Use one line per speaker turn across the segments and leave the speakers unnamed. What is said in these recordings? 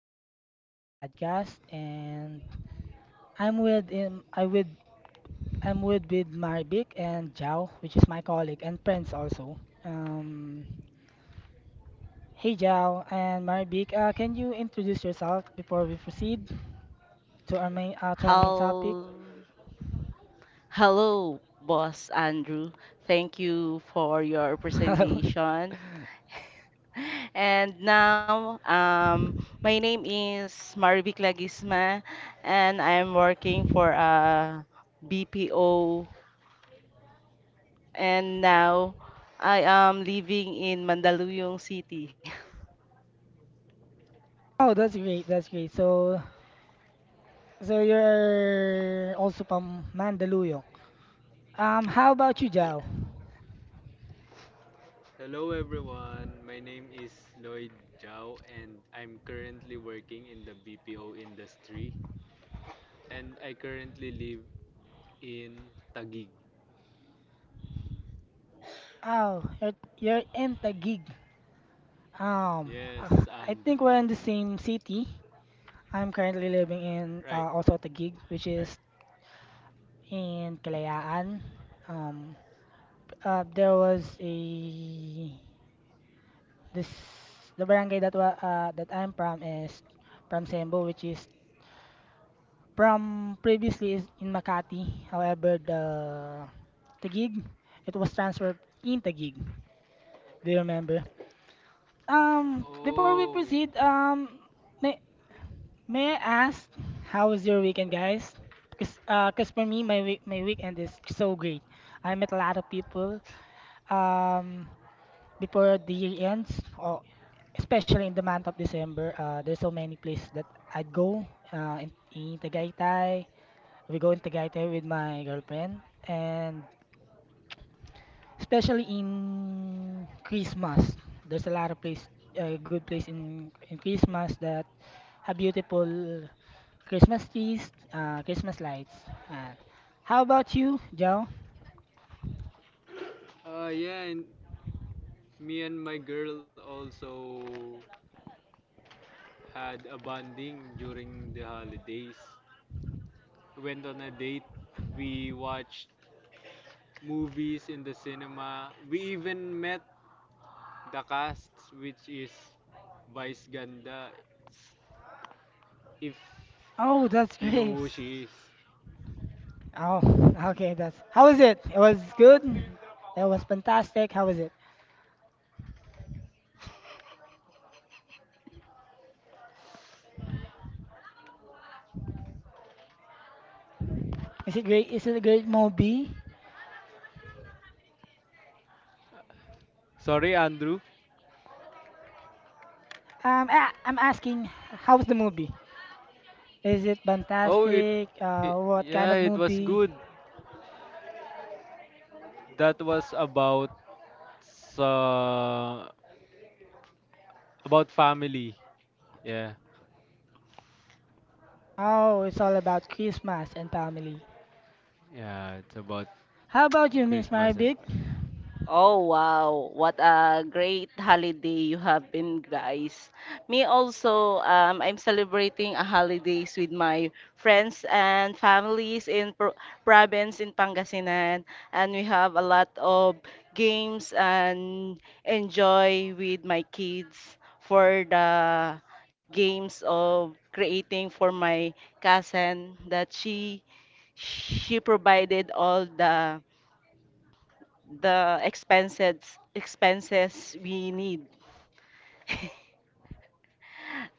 Welcome to our podcast, and I'm with um, I with I'm with Marbic and Jao, which is my colleague and friends also. Um, Hey Jao and Marbic, can you introduce yourself before we proceed to our main topic?
Hel- Hello, boss Andrew. Thank you for your
Hello.
presentation. And now, my name is Marivic Lagisma, and I'm working for a BPO. And now, I am living in Mandaluyong City.
Oh, that's great. That's great. So, you're also from Mandaluyong. How about you, Jao?
Hello everyone, my name is Lloyd Zhao and I'm currently working in the BPO industry and I currently live in Taguig.
Oh, you're in Taguig.
Yes,
I think
Andrew.
we're in the same city. I'm currently living in
Right,
also Taguig, which
right.
is in Kalayaan. Um, there was a this the barangay that that I'm from is from Sembo, which is from previously is in Makati. However, the Taguig, it was transferred in Taguig. Do you remember? Before we
Oh, wait.
proceed, may May I ask how was your weekend, guys? Because 'cause for me, my weekend is so great. I met a lot of people um before the year ends, or especially in the month of December. There's so many places that I'd go. In Tagaytay, we go in Tagaytay with my girlfriend, and especially in Christmas, there's a lot of place, a good place in Christmas that have beautiful Christmas trees, Christmas lights. And how about you, Joe?
Yeah, and me and my girl also had a bonding during the holidays. Went on a date, we watched movies in the cinema, we even met the cast, which is Vice Ganda, if
Oh, that's
you know
great.
who she is.
Oh, okay, that's how was it? It was good. It was fantastic. How was it? Is it great? Is it a great movie?
Sorry, Andrew.
I'm asking, how's the movie? Is it
Oh, it,
fantastic?
it
What kind
yeah,
of
it was
movie?
good. That was uh, about family. Yeah,
Oh, it's all about Christmas and family.
yeah, it's about
How about you, Miss
Christmas and
Maribik?
fa-
Oh wow, what a great holiday you have been, guys. Me also, I'm celebrating a holidays with my friends and families in province in Pangasinan, and we have a lot of games and enjoy with my kids for the games of creating for my cousin that she provided all the expenses we need.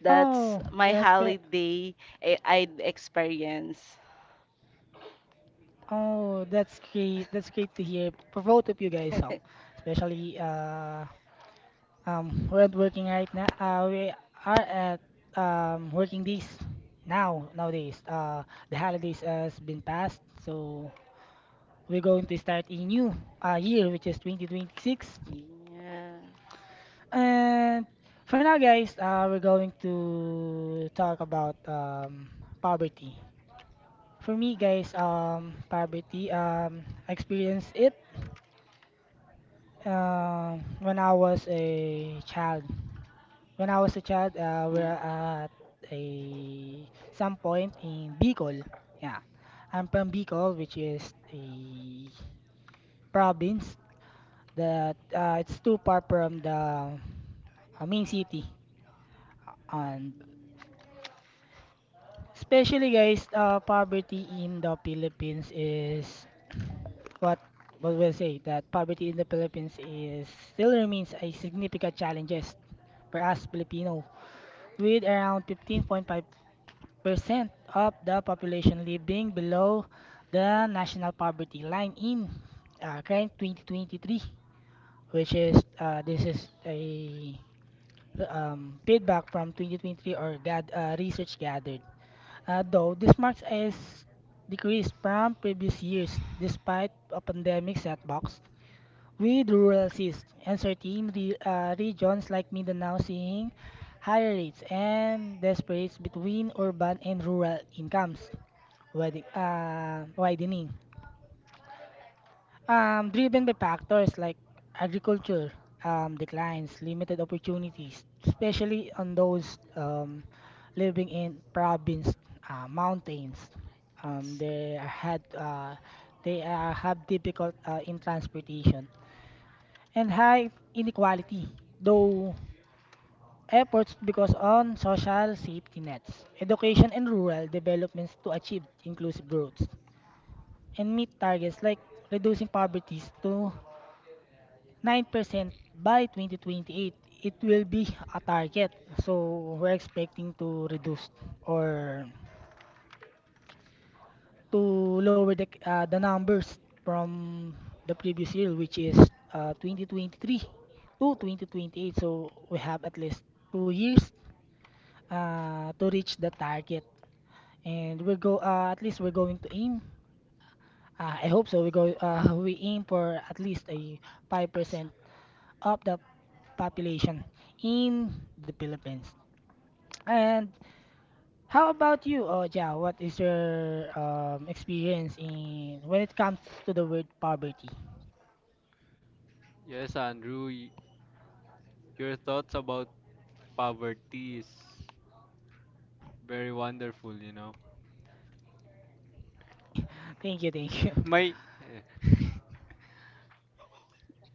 That's
Oh,
my
that's great.
holiday I'd experience.
Oh, that's great. That's great to hear for both of you guys, huh? Especially we're at working right now. We are at working days nowadays. The holidays has been passed, so we're going to start a new year, which is 2026.
Yeah.
And for now, guys, we're going to talk about poverty. For me, guys, poverty I experienced it. When I was a child, when I was a child,
Yeah.
we're at a some point in Bicol. Yeah, I'm from Bicol, which is a province that it's too far from the main city. And especially guys, poverty in the Philippines is what what we'll say, that poverty in the Philippines is still remains a significant challenges for us Filipino, with around 15.5% of the population living below the national poverty line in current 2023, which is this is a feedback from 2023 or gad, research gathered. Though this marks a decrease from previous years despite a pandemic setbacks, with rural assist and certain regions like Mindanao seeing higher rates and disparities between urban and rural incomes widening, driven by factors like agriculture declines, limited opportunities, especially on those living in province mountains. Um,
It's
they had uh, they have difficult in transportation and high inequality, though efforts because on social safety nets, education and rural developments to achieve inclusive growth and meet targets like reducing poverty to 9% by 2028. It will be a target. So we're expecting to reduce or to lower the numbers from the previous year, which is 2023 to 2028. So we have at least two years to reach the target. And we go at least we're going to aim. I hope so. We go We aim for at least a 5%
awesome.
of the population in the Philippines. And how about you, Oja? What is your experience in when it comes to the word poverty?
yes, Andrew, your thoughts about poverty is very wonderful. You know,
Thank you, thank you.
my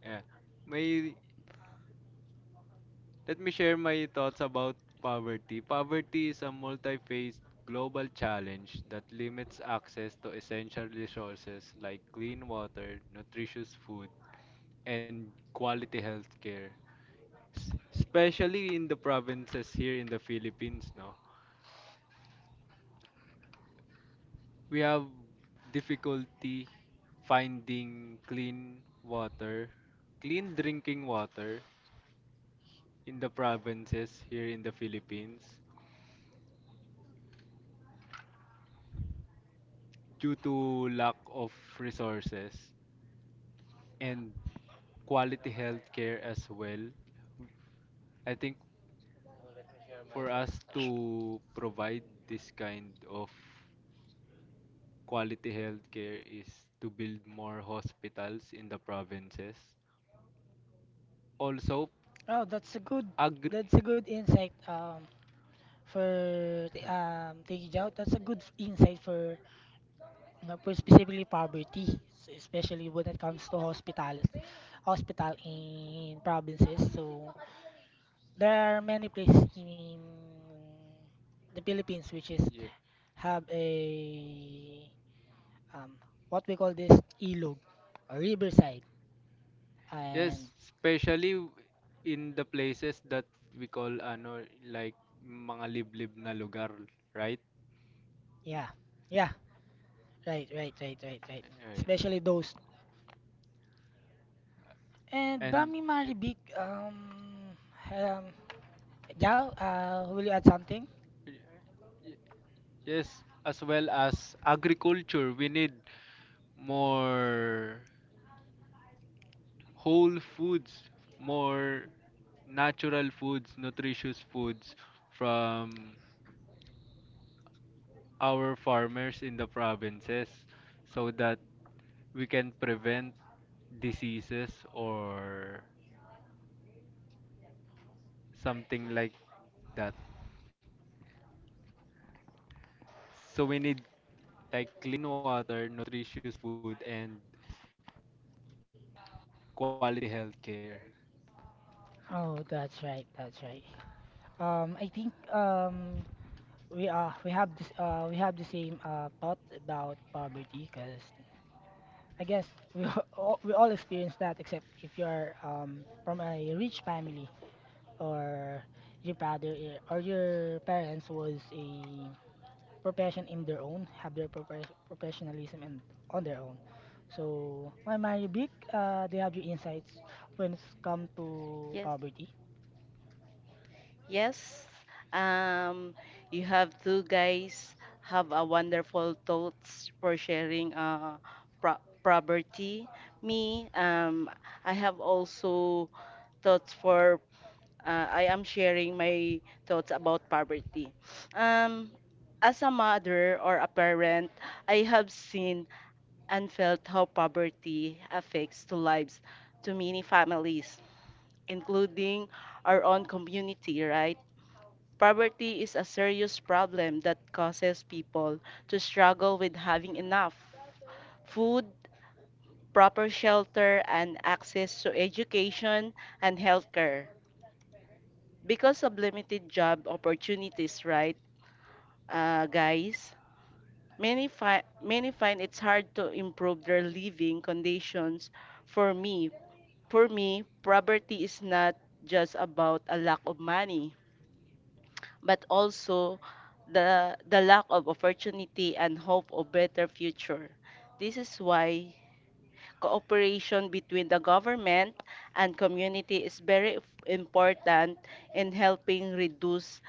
yeah, my Let me share my thoughts about poverty. Poverty is a multi faced global challenge that limits access to essential resources like clean water, nutritious food, and quality healthcare. Care. Especially in the provinces here in the Philippines, no? We have difficulty finding clean water, clean drinking water in the provinces here in the Philippines, due to lack of resources and quality healthcare as well. I think for us to provide this kind of quality healthcare is to build more hospitals in the provinces. Also,
Oh,
agri
that's a good insight for
Huh,
thank you, Jao. That's a good insight for specifically poverty, especially when it comes to hospitals, hospital in provinces. So there are many places in the Philippines which is
Ye-
have a um, what we call this ilog or riverside, and
Yes, especially in the places that we call ano like mga liblib na lugar, right?
yeah, yeah, right, right, right, right, right.
Right.
Especially those and
And
Bami Maribik. Um, Jao, will you add something?
Y- y- Yes, as well as agriculture, we need more whole foods, more natural foods, nutritious foods from our farmers in the provinces so that we can prevent diseases or something like that. So we need like clean water, nutritious food, and quality health care.
Oh, that's right, that's right. I think we have this we have the same thought about poverty because I guess we all, we all experience that except if you're from a rich family or your father or your parents was a profession in their own, have their professionalism and on their own. So, my Mario Big, do you have your insights when it's come
Yes.
to poverty?
Yes. Um, you have two guys have a wonderful thoughts for sharing pro property. Me, I have also thoughts for I am sharing my thoughts about poverty. Um, as a mother or a parent, I have seen and felt how poverty affects to lives to many families, including our own community, right? Poverty is a serious problem that causes people to struggle with having enough food, proper shelter, and access to education and healthcare. Because of limited job opportunities, right, guys? Many find it's hard to improve their living conditions. For me, for me, poverty is not just about a lack of money, but also the lack of opportunity and hope of better future. This is why cooperation between the government and community is very important in helping reduce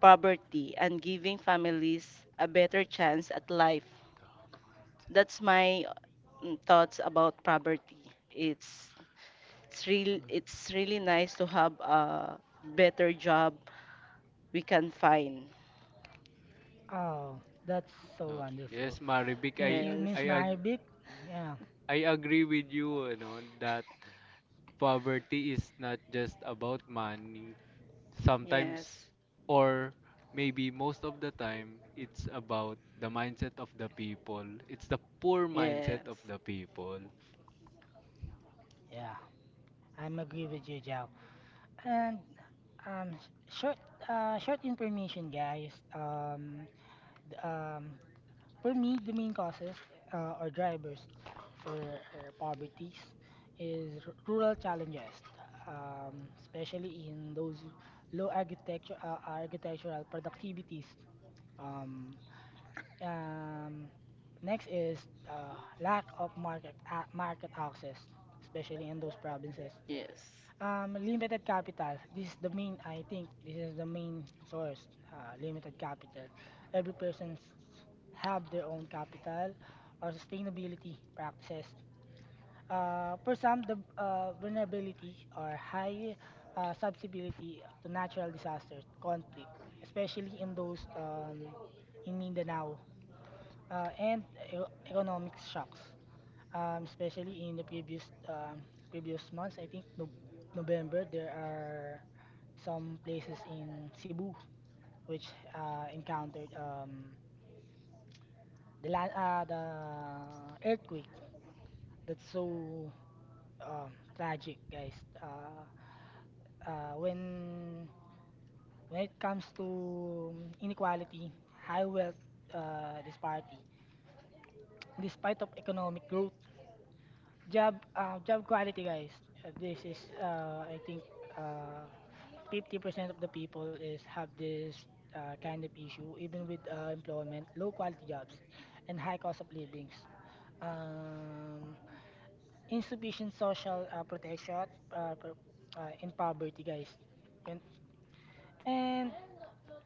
poverty and giving families a better chance at life.
The mindset.
That's my thoughts about poverty. It's really nice to have a better job we can find.
Oh, that's
Oh,
so
yes,
wonderful.
Maribik, I
Thank you,
Yes.
I
Miss
ag-
Maribik. Yeah,
I agree with you, you know, that poverty is not just about money.
Yes.
Sometimes or maybe most of the time it's about the mindset of the people. It's the poor mindset of
Yes.
the people.
yeah, I'm agree with you, Jao. And um, s- short, short information, guys. Th- um, for me, the main causes or drivers for poverty is rural challenges, especially in those low architecture architectural productivities. Um, Um, Next is lack of market market access, especially in those provinces.
Yes.
Limited capital. This is the main. I think this is the main source. Limited capital. Every person have their own capital or sustainability practices. For some, the vulnerability or high susceptibility to natural disasters, conflict, especially in those in Mindanao and e- economic shocks, especially in the previous previous months. I think November there are some places in Cebu which encountered the earthquake. That's so tragic, guys. Uh, uh, when when it comes to inequality, high wealth, disparity, despite of economic growth. Job quality, guys. This is, I think, uh, 50% of the people is have this kind of issue, even with employment, low quality jobs, and high cost of livings. Um, insufficient social protection uh, pro- in poverty, guys. Yun. And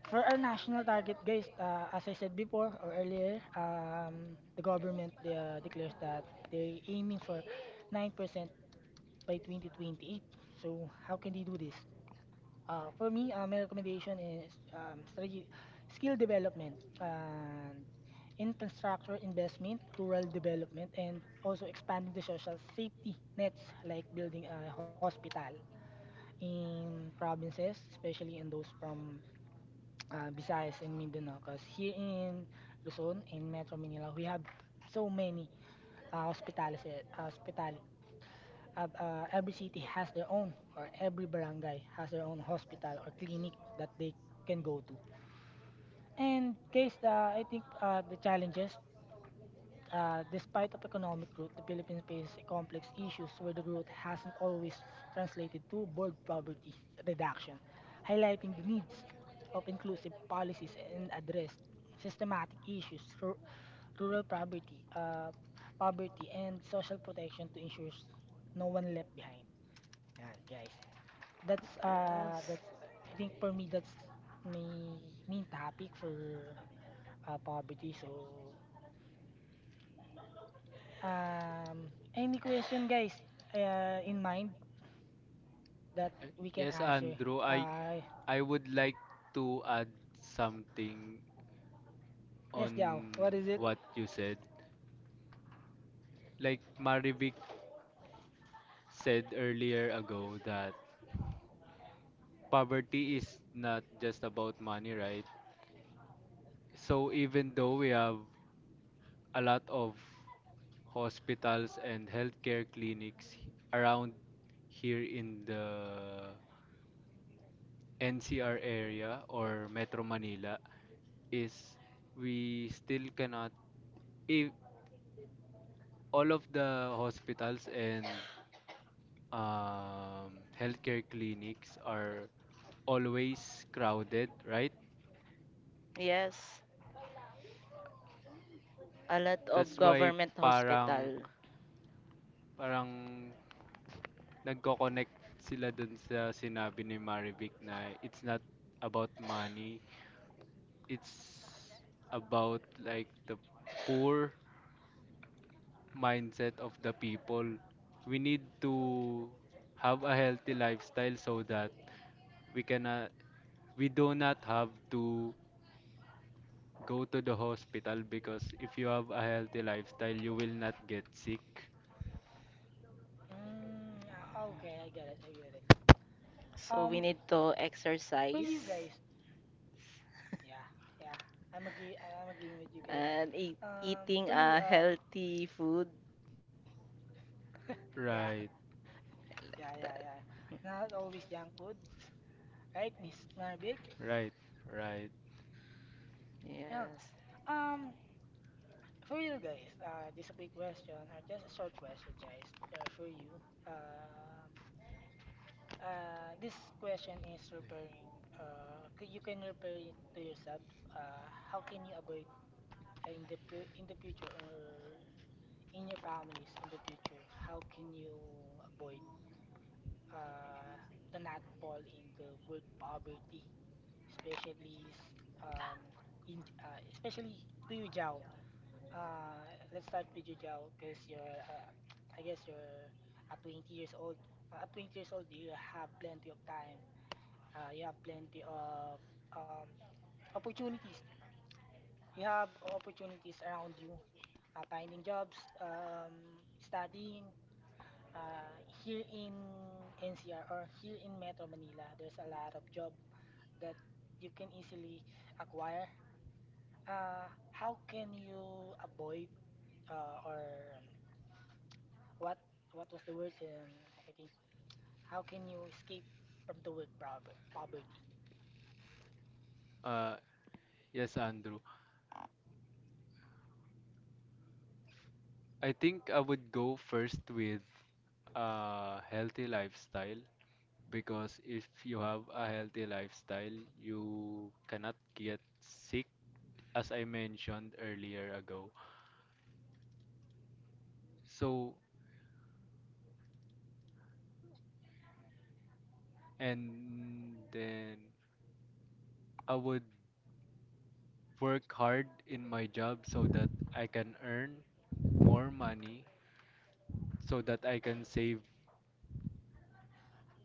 for our national target, guys, as I said before or earlier, the government declares that they're aiming for 9% by 2028. So how can they do this? For me, my recommendation is strategy, skill development, and infrastructure investment, rural development, and also expanding the social safety nets like building a hospital in provinces, especially in those from Visayas and Mindanao. Because here in Luzon, in Metro Manila, we have so many hospitalities, every city has their own or every barangay has their own hospital or clinic that they can go to. And guys, I think the challenges, despite of economic growth, the Philippines faces complex issues where the growth hasn't always translated to birth poverty reduction, highlighting the needs of inclusive policies and address systematic issues, rural poverty, poverty and social protection to ensure no one left behind. Yan, guys.
Yes.
That's I think for me that's my main topic for poverty. So any question guys in mind that
Uh,
we can
Yes,
answer?
Andrew,
Uh
I would like to add something
yes, Jao.
on
What is it?
what you said. Like Marivic said earlier ago that poverty is not just about money, right? So even though we have a lot of hospitals and healthcare clinics around here in the NCR area or Metro Manila is we still cannot if all of the hospitals and healthcare clinics are always crowded, right?
Yes, a lot of
That's why
government
parang
hospital.
parang nagko-connect sila dun sa sinabi ni Marivic na it's not about money, it's about like the poor mindset of the people. We need to have a healthy lifestyle so that we cannot we do not have to go to the hospital because if you have a healthy lifestyle, you will not get sick.
Mm, okay, I get it. I get it.
So we
Um,
need to
for you
exercise
guys. Yeah. Yeah. I'm agreeing with you guys.
and
Um,
eating
for you
a healthy food.
yeah.
Right,
Yeah, yeah, yeah. Not always junk foods, right, Miss Narvik?
right, right.
Yeah.
Yes.
Um, for you guys, just a quick question or just a short question, guys. For you, um, this question is referring. You can refer it to yourself. How can you avoid in the future or in your families in the future? How can you avoid uh, to not fall in the word poverty, especially s- um, in especially to you, Jao. Uh, let's start with you, Jao, because I guess you're at 20 years old. At 20 years old, you have plenty of time. You have plenty of um, opportunities. You have opportunities around you. Finding jobs, studying. Uh, here in NCR or here in Metro Manila, there's a lot of job that you can easily acquire. How can you avoid or what what was the word? I think how can you escape from the word poverty?
Uh, Yes, Andrew. I think I would go first with a healthy lifestyle because if you have a healthy lifestyle, you cannot get sick, as I mentioned earlier ago. So, and then I would work hard in my job so that I can earn more money, so that I can save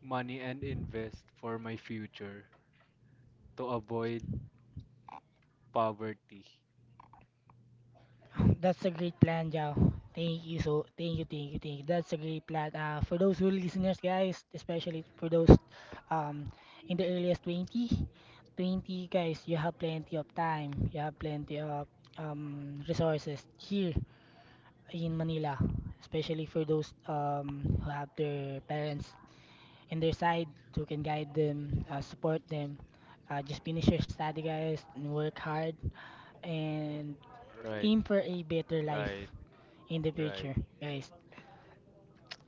money and invest for my future to avoid poverty.
That's a great plan, Jao. Thank you, thank you, That's a great plan. For those who listeners, guys, especially for those um in the earliest 20, 20 guys, you have plenty of time. You have plenty of resources here in Manila, especially for those who have their parents in their side who can guide them, support them. Just finish your study, guys, and work hard and
Right,
aim for a better
right,
life in the
right,
future, guys.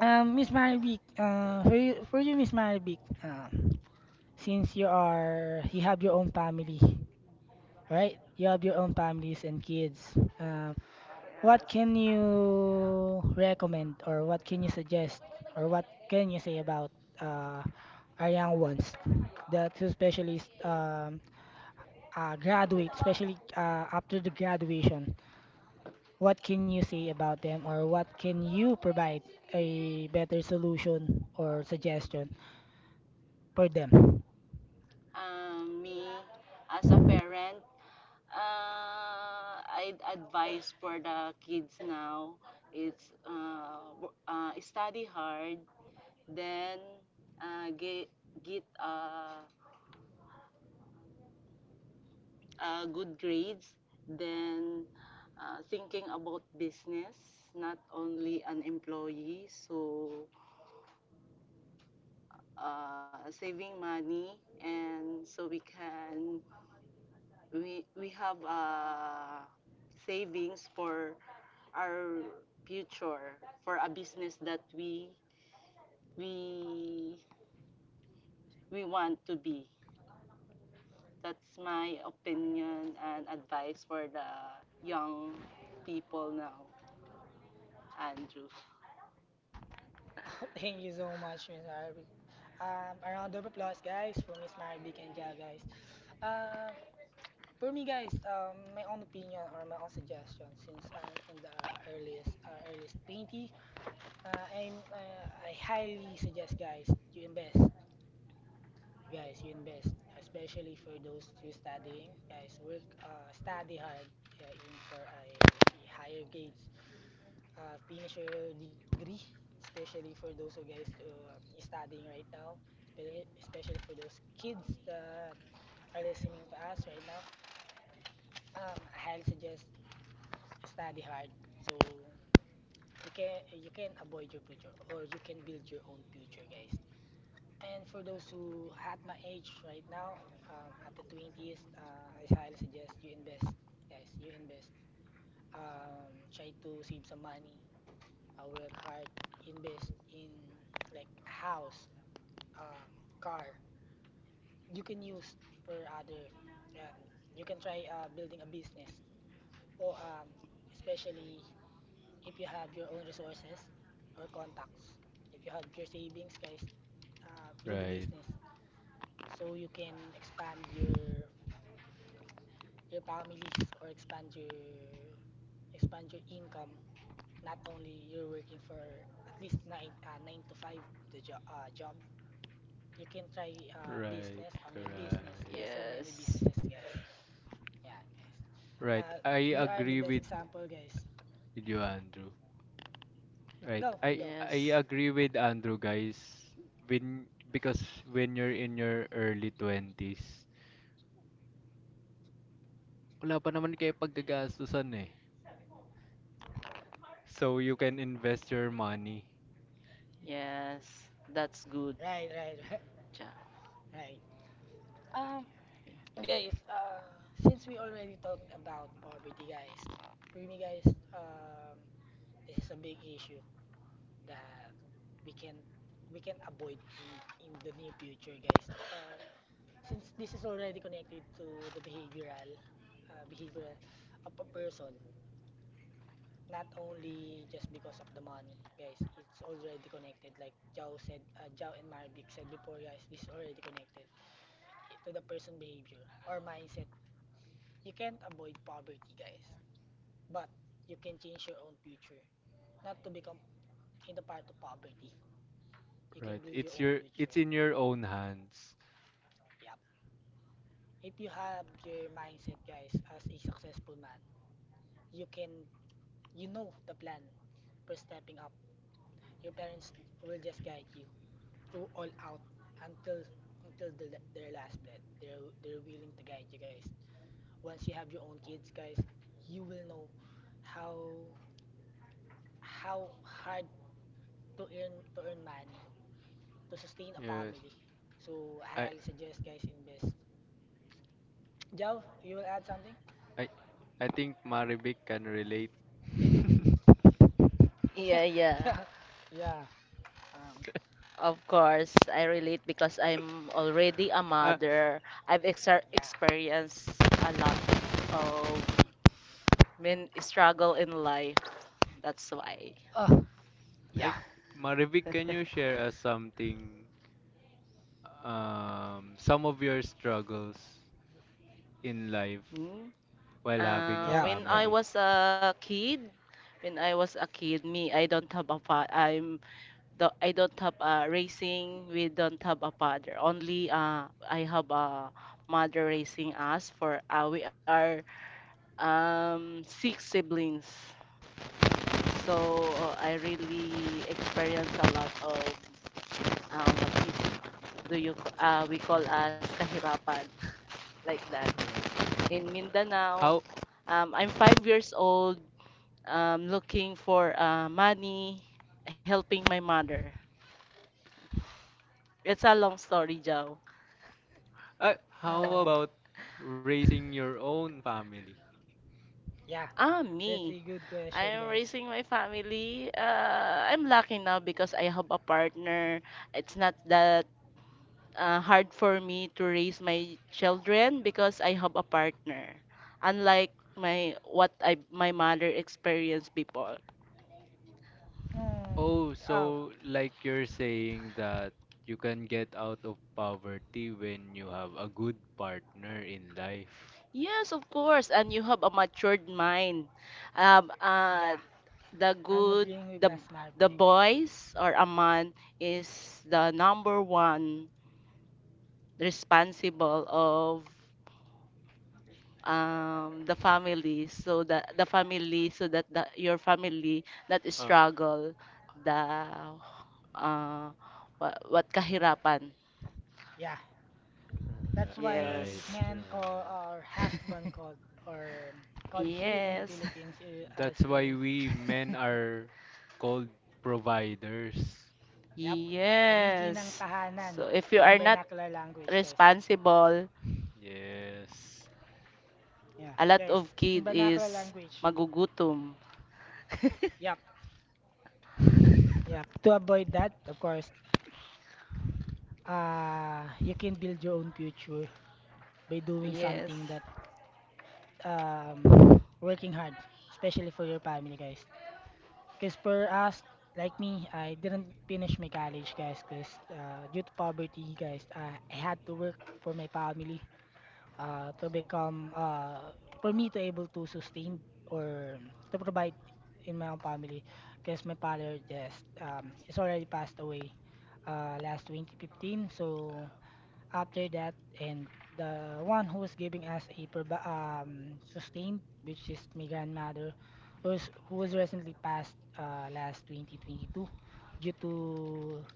Miss Maribik, for you, Miss Maribik, since you have your own family, right? You have your own families and kids. Uh, What can you recommend or what can you suggest or what can you say about uh, our young ones? The two especially graduate, especially after the graduation. What can you say about them or what can you provide a better solution or suggestion for them?
Me, as a parent, I'd advise for the kids now, it's study hard, then uh, get, get good grades, then thinking about business, not only an employee. So saving money, and so we can we have savings for our future for a business that we we want to be. That's my opinion and advice for the young people now, Andrew.
Thank you so much, Miss Arabic. A round of applause, guys, for Miss Marabic and Ja, guys. Um, For me, guys, my own opinion or my own suggestion, since I'm in the earliest 20, I highly suggest, guys, you invest, Especially for those who studying, guys, study hard, aim for a higher grades, finish your degree, especially for those who guys is studying right now, especially for those kids that are listening to us right now. I highly suggest study hard, so you can avoid your future, or you can build your own future, guys. And for those who at my age right now, at the 20s, I highly suggest you invest, guys you invest. Try to save some money, work hard, invest in like house, um, car you can use for other. And you can try building a business, or especially if you have your own resources or contacts. If you have your savings, guys, build a
right,
business, so you can expand your your families, or expand your income, not only you're working for at least nine to five the job. You can try
right,
business, online business,
right,
there are so many
Yes.
businesses, guys. Yeah, guys,
right. I
we are the
agree
best example, guys.
with you, Andrew. Right,
go go
I
Yes.
agree with Andrew, guys. When because when you're in your early twenties, wala pa naman kayo paggagastusan eh. So you can invest your money.
Yes. That's good,
Right, right.
Jackie.
Right, right. Guys, since we already talked about poverty, guys, for me, guys, this is a big issue that we can we can avoid in the near future, guys. Since this is already connected to the behavioral of a person, not only just because of the money, guys. It's already connected, like Jao said, Jao and Marvick said before, guys. This is already connected to the person behavior or mindset. You can't avoid poverty, guys, but you can change your own future. Not to become in the part of poverty. You can
Right,
build your
it's
own
your it's
future.
in your own hands.
Yep. If you have your mindset, guys, as a successful man, you can, you know the plan for stepping up. Your parents will just guide you through all out until until the, their last breath. They're willing to guide you, guys. Once you have your own kids, guys, you will know how how hard to earn money to sustain a
Yes,
family. So I
I
highly suggest, guys, invest. Joe, you will add something?
I I think Maribik can relate.
Yeah,
Yeah, yeah.
yeah, yeah, um,
Of course, I relate because I'm already a
Uh,
mother. I've ex
yeah.
experienced a lot of when struggle in life, that's why.
Oh,
I,
yeah,
Marivic, can you share us something, some of your struggles in life
Hmm.
while having a
yeah,
When
yeah.
I
family?
was a kid, me, I'm the I don't have a raising. We don't have a father. Only I have a mother raising us. For we are six siblings. So I really experience a lot of what is do you c- we call as kahirapan like that.
Uh, uh,
In Mindanao.
how,
I'm 5 years old, looking for money, helping my mother. It's a long story, Joe.
how
Um,
about raising your own family?
yeah.
Ah,
That's a
me.
good question,
I am
guys.
raising my family. I'm lucky now because I have a partner. It's not that hard for me to raise my children because I have a partner. Unlike my what I my mother experienced before.
Hmm.
Oh,
Oh,
so like you're saying that you can get out of poverty when you have a good partner in life.
Yes, of course. And you have a matured mind. Um,
yeah.
uh, the
I'm
good
agreeing with
the
my smart
the
baby.
boys or a man is the number one responsible of the family so that your family not
Uh,
struggle the uh, what kahirapan.
Yeah. That's
right,
Yes.
why man
right.
call, or husband called, or called here in the
Yes.
Philippines as
That's why
a
we men are called providers.
yep, haligi ng
Yes.
tahanan
So if you are
in
not
vernacular language, guys.
responsible,
Yes.
Yeah,
a lot
guys,
of
in
kid
vernacular
is
language,
magugutom.
yep, yep. To avoid that, of course, you can build your own future by doing
Yes.
something that um, working hard, especially for your family, guys. Because for us, like me, I didn't finish my college, guys, because due to poverty, guys, I had to work for my family. To become for me to able to sustain or to provide in my own family, because my father just is already passed away last 2015. So after that, and the one who was giving us a sustained, which is my grandmother, who was recently passed last 2022 due to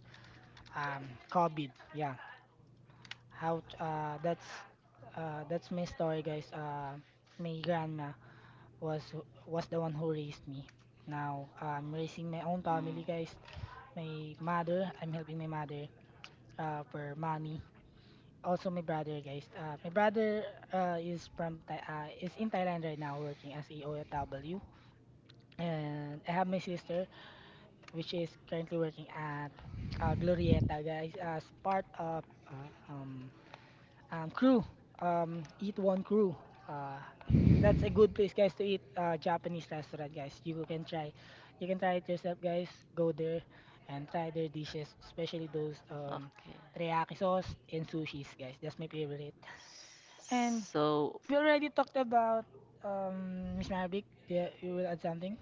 COVID, yeah. how t- uh that's that's my story, guys. My grandma was was the one who raised me. Now I'm raising my own family,
Mm,
guys. My mother, I'm helping my mother for money. Also my brother, guys, my brother is in Thailand right now, working as a OFW. And I have my sister, which is currently working at Glorieta, guys, as part of uh, um crew. Eat one crew. Uh, that's a good place, guys, to eat. Japanese restaurant, guys. You can try. You can try it yourself, guys. Go there and try their dishes, especially those
okay.
teriyaki sauce and sushis, guys. That's my favorite. And
So
we already talked about Miss Marvick. Yeah, you will add something.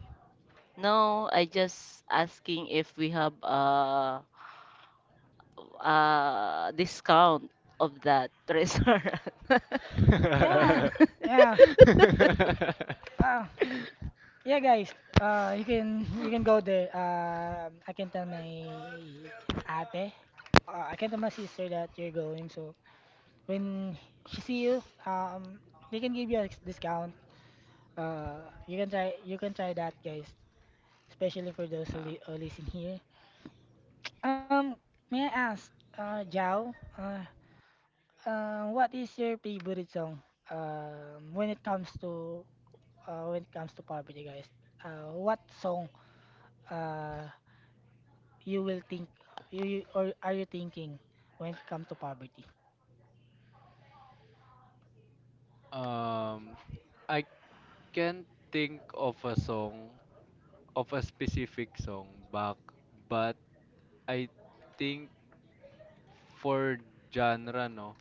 now I just asking if we have a discount of that restaurant.
Yeah, yeah, uh, yeah, guys. You can go there. I can tell my ate I can tell my sister that you're going. So when she see you, they can give you a discount. You can try that, guys. Especially for those
No.
who listen here. Um, may I ask, Jao, what is your favorite song? When it comes to when it comes to poverty, guys. What song uh you will think, you or are you thinking when it comes to poverty?
Um, I can't think of a song, of a specific song back, but I think for genre, no,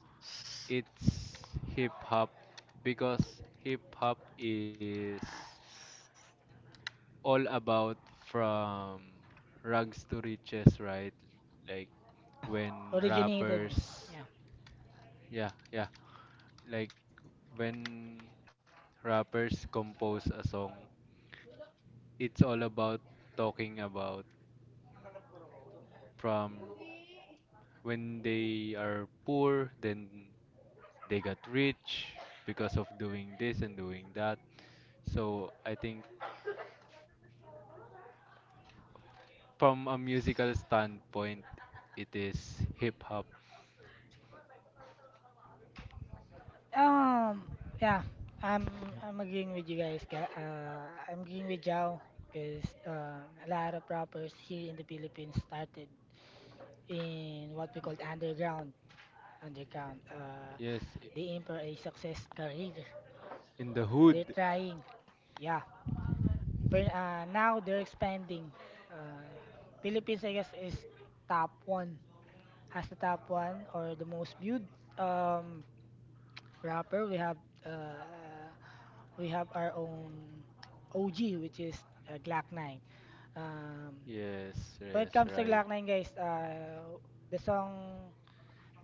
it's hip hop because hip hop is all about from rags to riches, right? Like when
Originated,
rappers,
yeah.
yeah, yeah, like when rappers compose a song, it's all about talking about from when they are poor, then they got rich because of doing this and doing that. So I think from a musical standpoint, it is hip hop.
Um, yeah, I'm I'm agreeing with you, guys. I'm agreeing with Jao, because a lot of rappers here in the Philippines started in what we call underground.
Yes,
They aim for a success career.
in the hood.
They're trying. Yeah. But, now they're expanding. Uh, Philippines, I guess, is top one. Has the top one or the most viewed um rapper. Uh we have our own OG, which is Glock 9. Um,
Yes,
when it
yes,
comes to
right.
Glock 9, guys, the song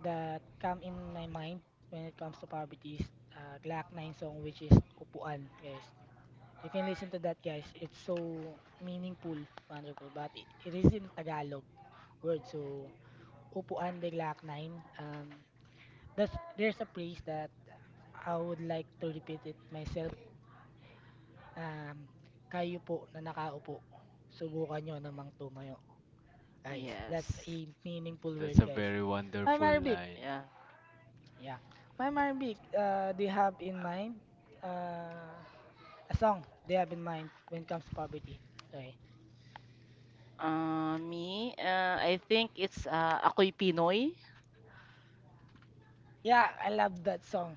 that come in my mind when it comes to poverty is Glock 9 song, which is Upuan, guys. You can listen to that, guys. It's so meaningful, wonderful, but it is in Tagalog word. So, Upuan de Glock 9. Um, that's, there's a phrase that I would like to repeat it myself um, kayo po na nakaupo, subukan nyo namang tumayo. Guys, that's a
Yes.
meaningful
That's
word,
a
guys.
very
Ma'am
wonderful
Arabic,
line.
Yeah.
yeah. Ma'am Arabic, they have in mind uh, a song they have in mind when it comes to poverty. Sorry.
Me, I think it's Ako'y Pinoy.
Yeah, I love that song.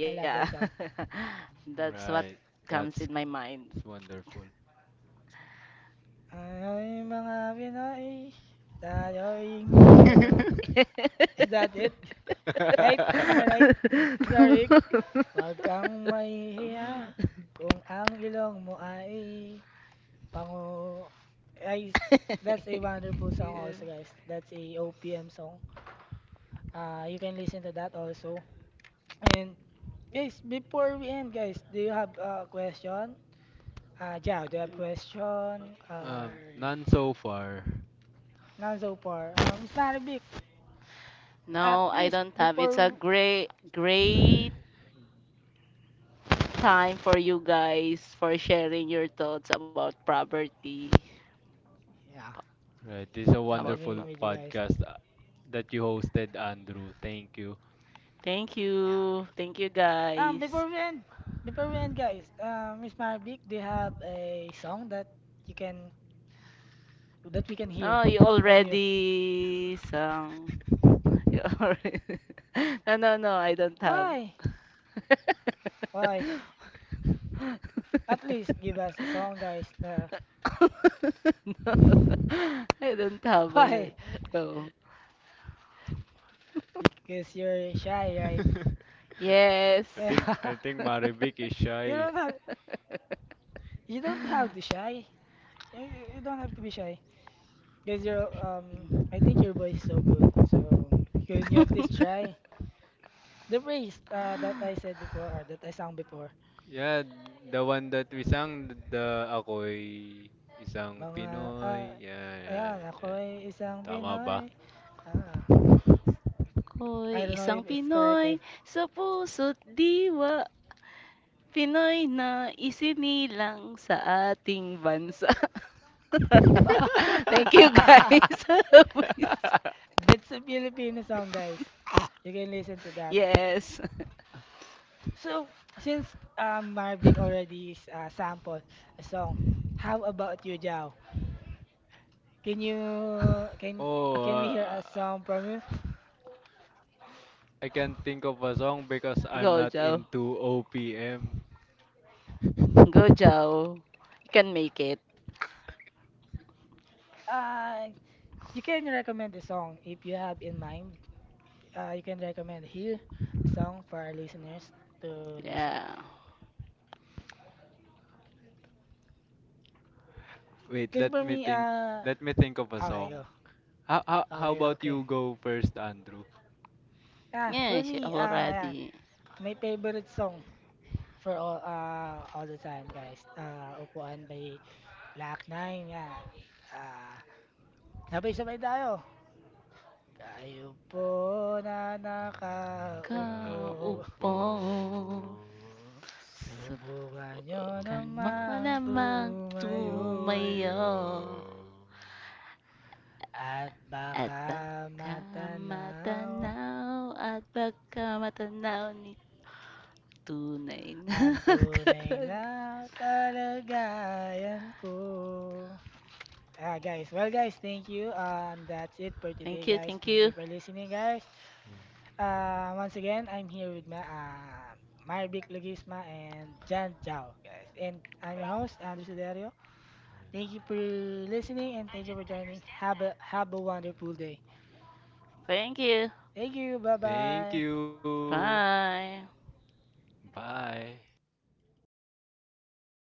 I love that song.
That's what
Right.
comes
That's,
in my mind.
that's wonderful.
Ay, mga Pinoy, tayo'y hindi kano. Is that it? Right? Am I right? Sorry. Huwag kang mahihiya kung ang ilong mo ay pangu ay that's a wonderful song
Yeah.
also, guys. That's a OPM song. You can listen to that also. And guys, before we end, guys, do you have a question? Jao, do you have question? Or
None so far.
none so far? Miss Maribik, at
No, I
least
don't have. It's a
before...
great time for you guys for sharing your thoughts about property.
Yeah,
Po-
Right. This is a
I'm
About
agreeing
wonderful
property.
with you, guys.
podcast that you hosted, Andrew. Thank you.
Thank you. Thank you
Before
guys.
we end, before we end, guys, Miss Marvick, do you have a song that you can that we can hear
No, you
from you?
already sang. You already... No, no, I don't have.
Why? Why? At least give us a song, guys.
No, I don't have
Why
already. Go.
Because you're shy, right?
Yes.
Yeah.
I think Marivic is
You
shy.
don't have you don't have to shy. You don't have to be shy. Because you're I think your voice is so good. So can you at least try? The praise that I said before or that I sang before
Yeah, the one that we sang, the ako'y isang
Mga, ah,
Pinoy. Yeah, yeah,
ayan, ako
yeah.
ay isang
Tama ba?
Pinoy. Ah, I
Hoy,
don't know
isang
if it's correct
Pinoy
eh.
sa puso't diwa. Pinoy na isinilang sa ating bansa. Thank you guys.
That's a Filipino song, guys. You can listen to that.
Yes.
So, since Marvic already is sample a song, how about you, Jao? Can you can
oh,
can we hear a
uh,
song from you?
I can't think of a song because I'm
Go,
not
Joe.
into OPM.
Go, Joe. You can make it.
Uh, you can recommend a song if you have in mind. You can recommend here a song for our listeners to listen.
Yeah.
Wait,
'Cause for
let me
me,
think. Let me think of a
okay,
song.
go.
How
Okay,
about
okay.
you go first, Andrew?
Yeah,
For
she
me, ayan,
already
my favorite song for all, all the time, guys. Upuan by Black Nine, yan. Ah, sabay-sabay tayo. Kayo po na nakaupo,
Kaupo.
kaupo.
subukan nyo
Huwag
Subukan
niyo
mo
namang
namang
namang
tumayo,
tumayo
tumayo.
at
at
baka
baka
matanaw
at baka matanaw ni tunay na
Ang tunay
kalag.
na kalagayan ko. Guys. Well, guys, thank you. That's it for today,
Thank you,
guys.
thank
Thank you
you,
for listening, guys. Once again, I'm here with my, my big Legisma and Jan Jao, guys. And I'm your host, Andrew Sudario. Thank you for listening and thank you for joining. Have a wonderful day.
thank you.
Thank you.
Thank
Bye-bye.
you.
Bye.
Bye.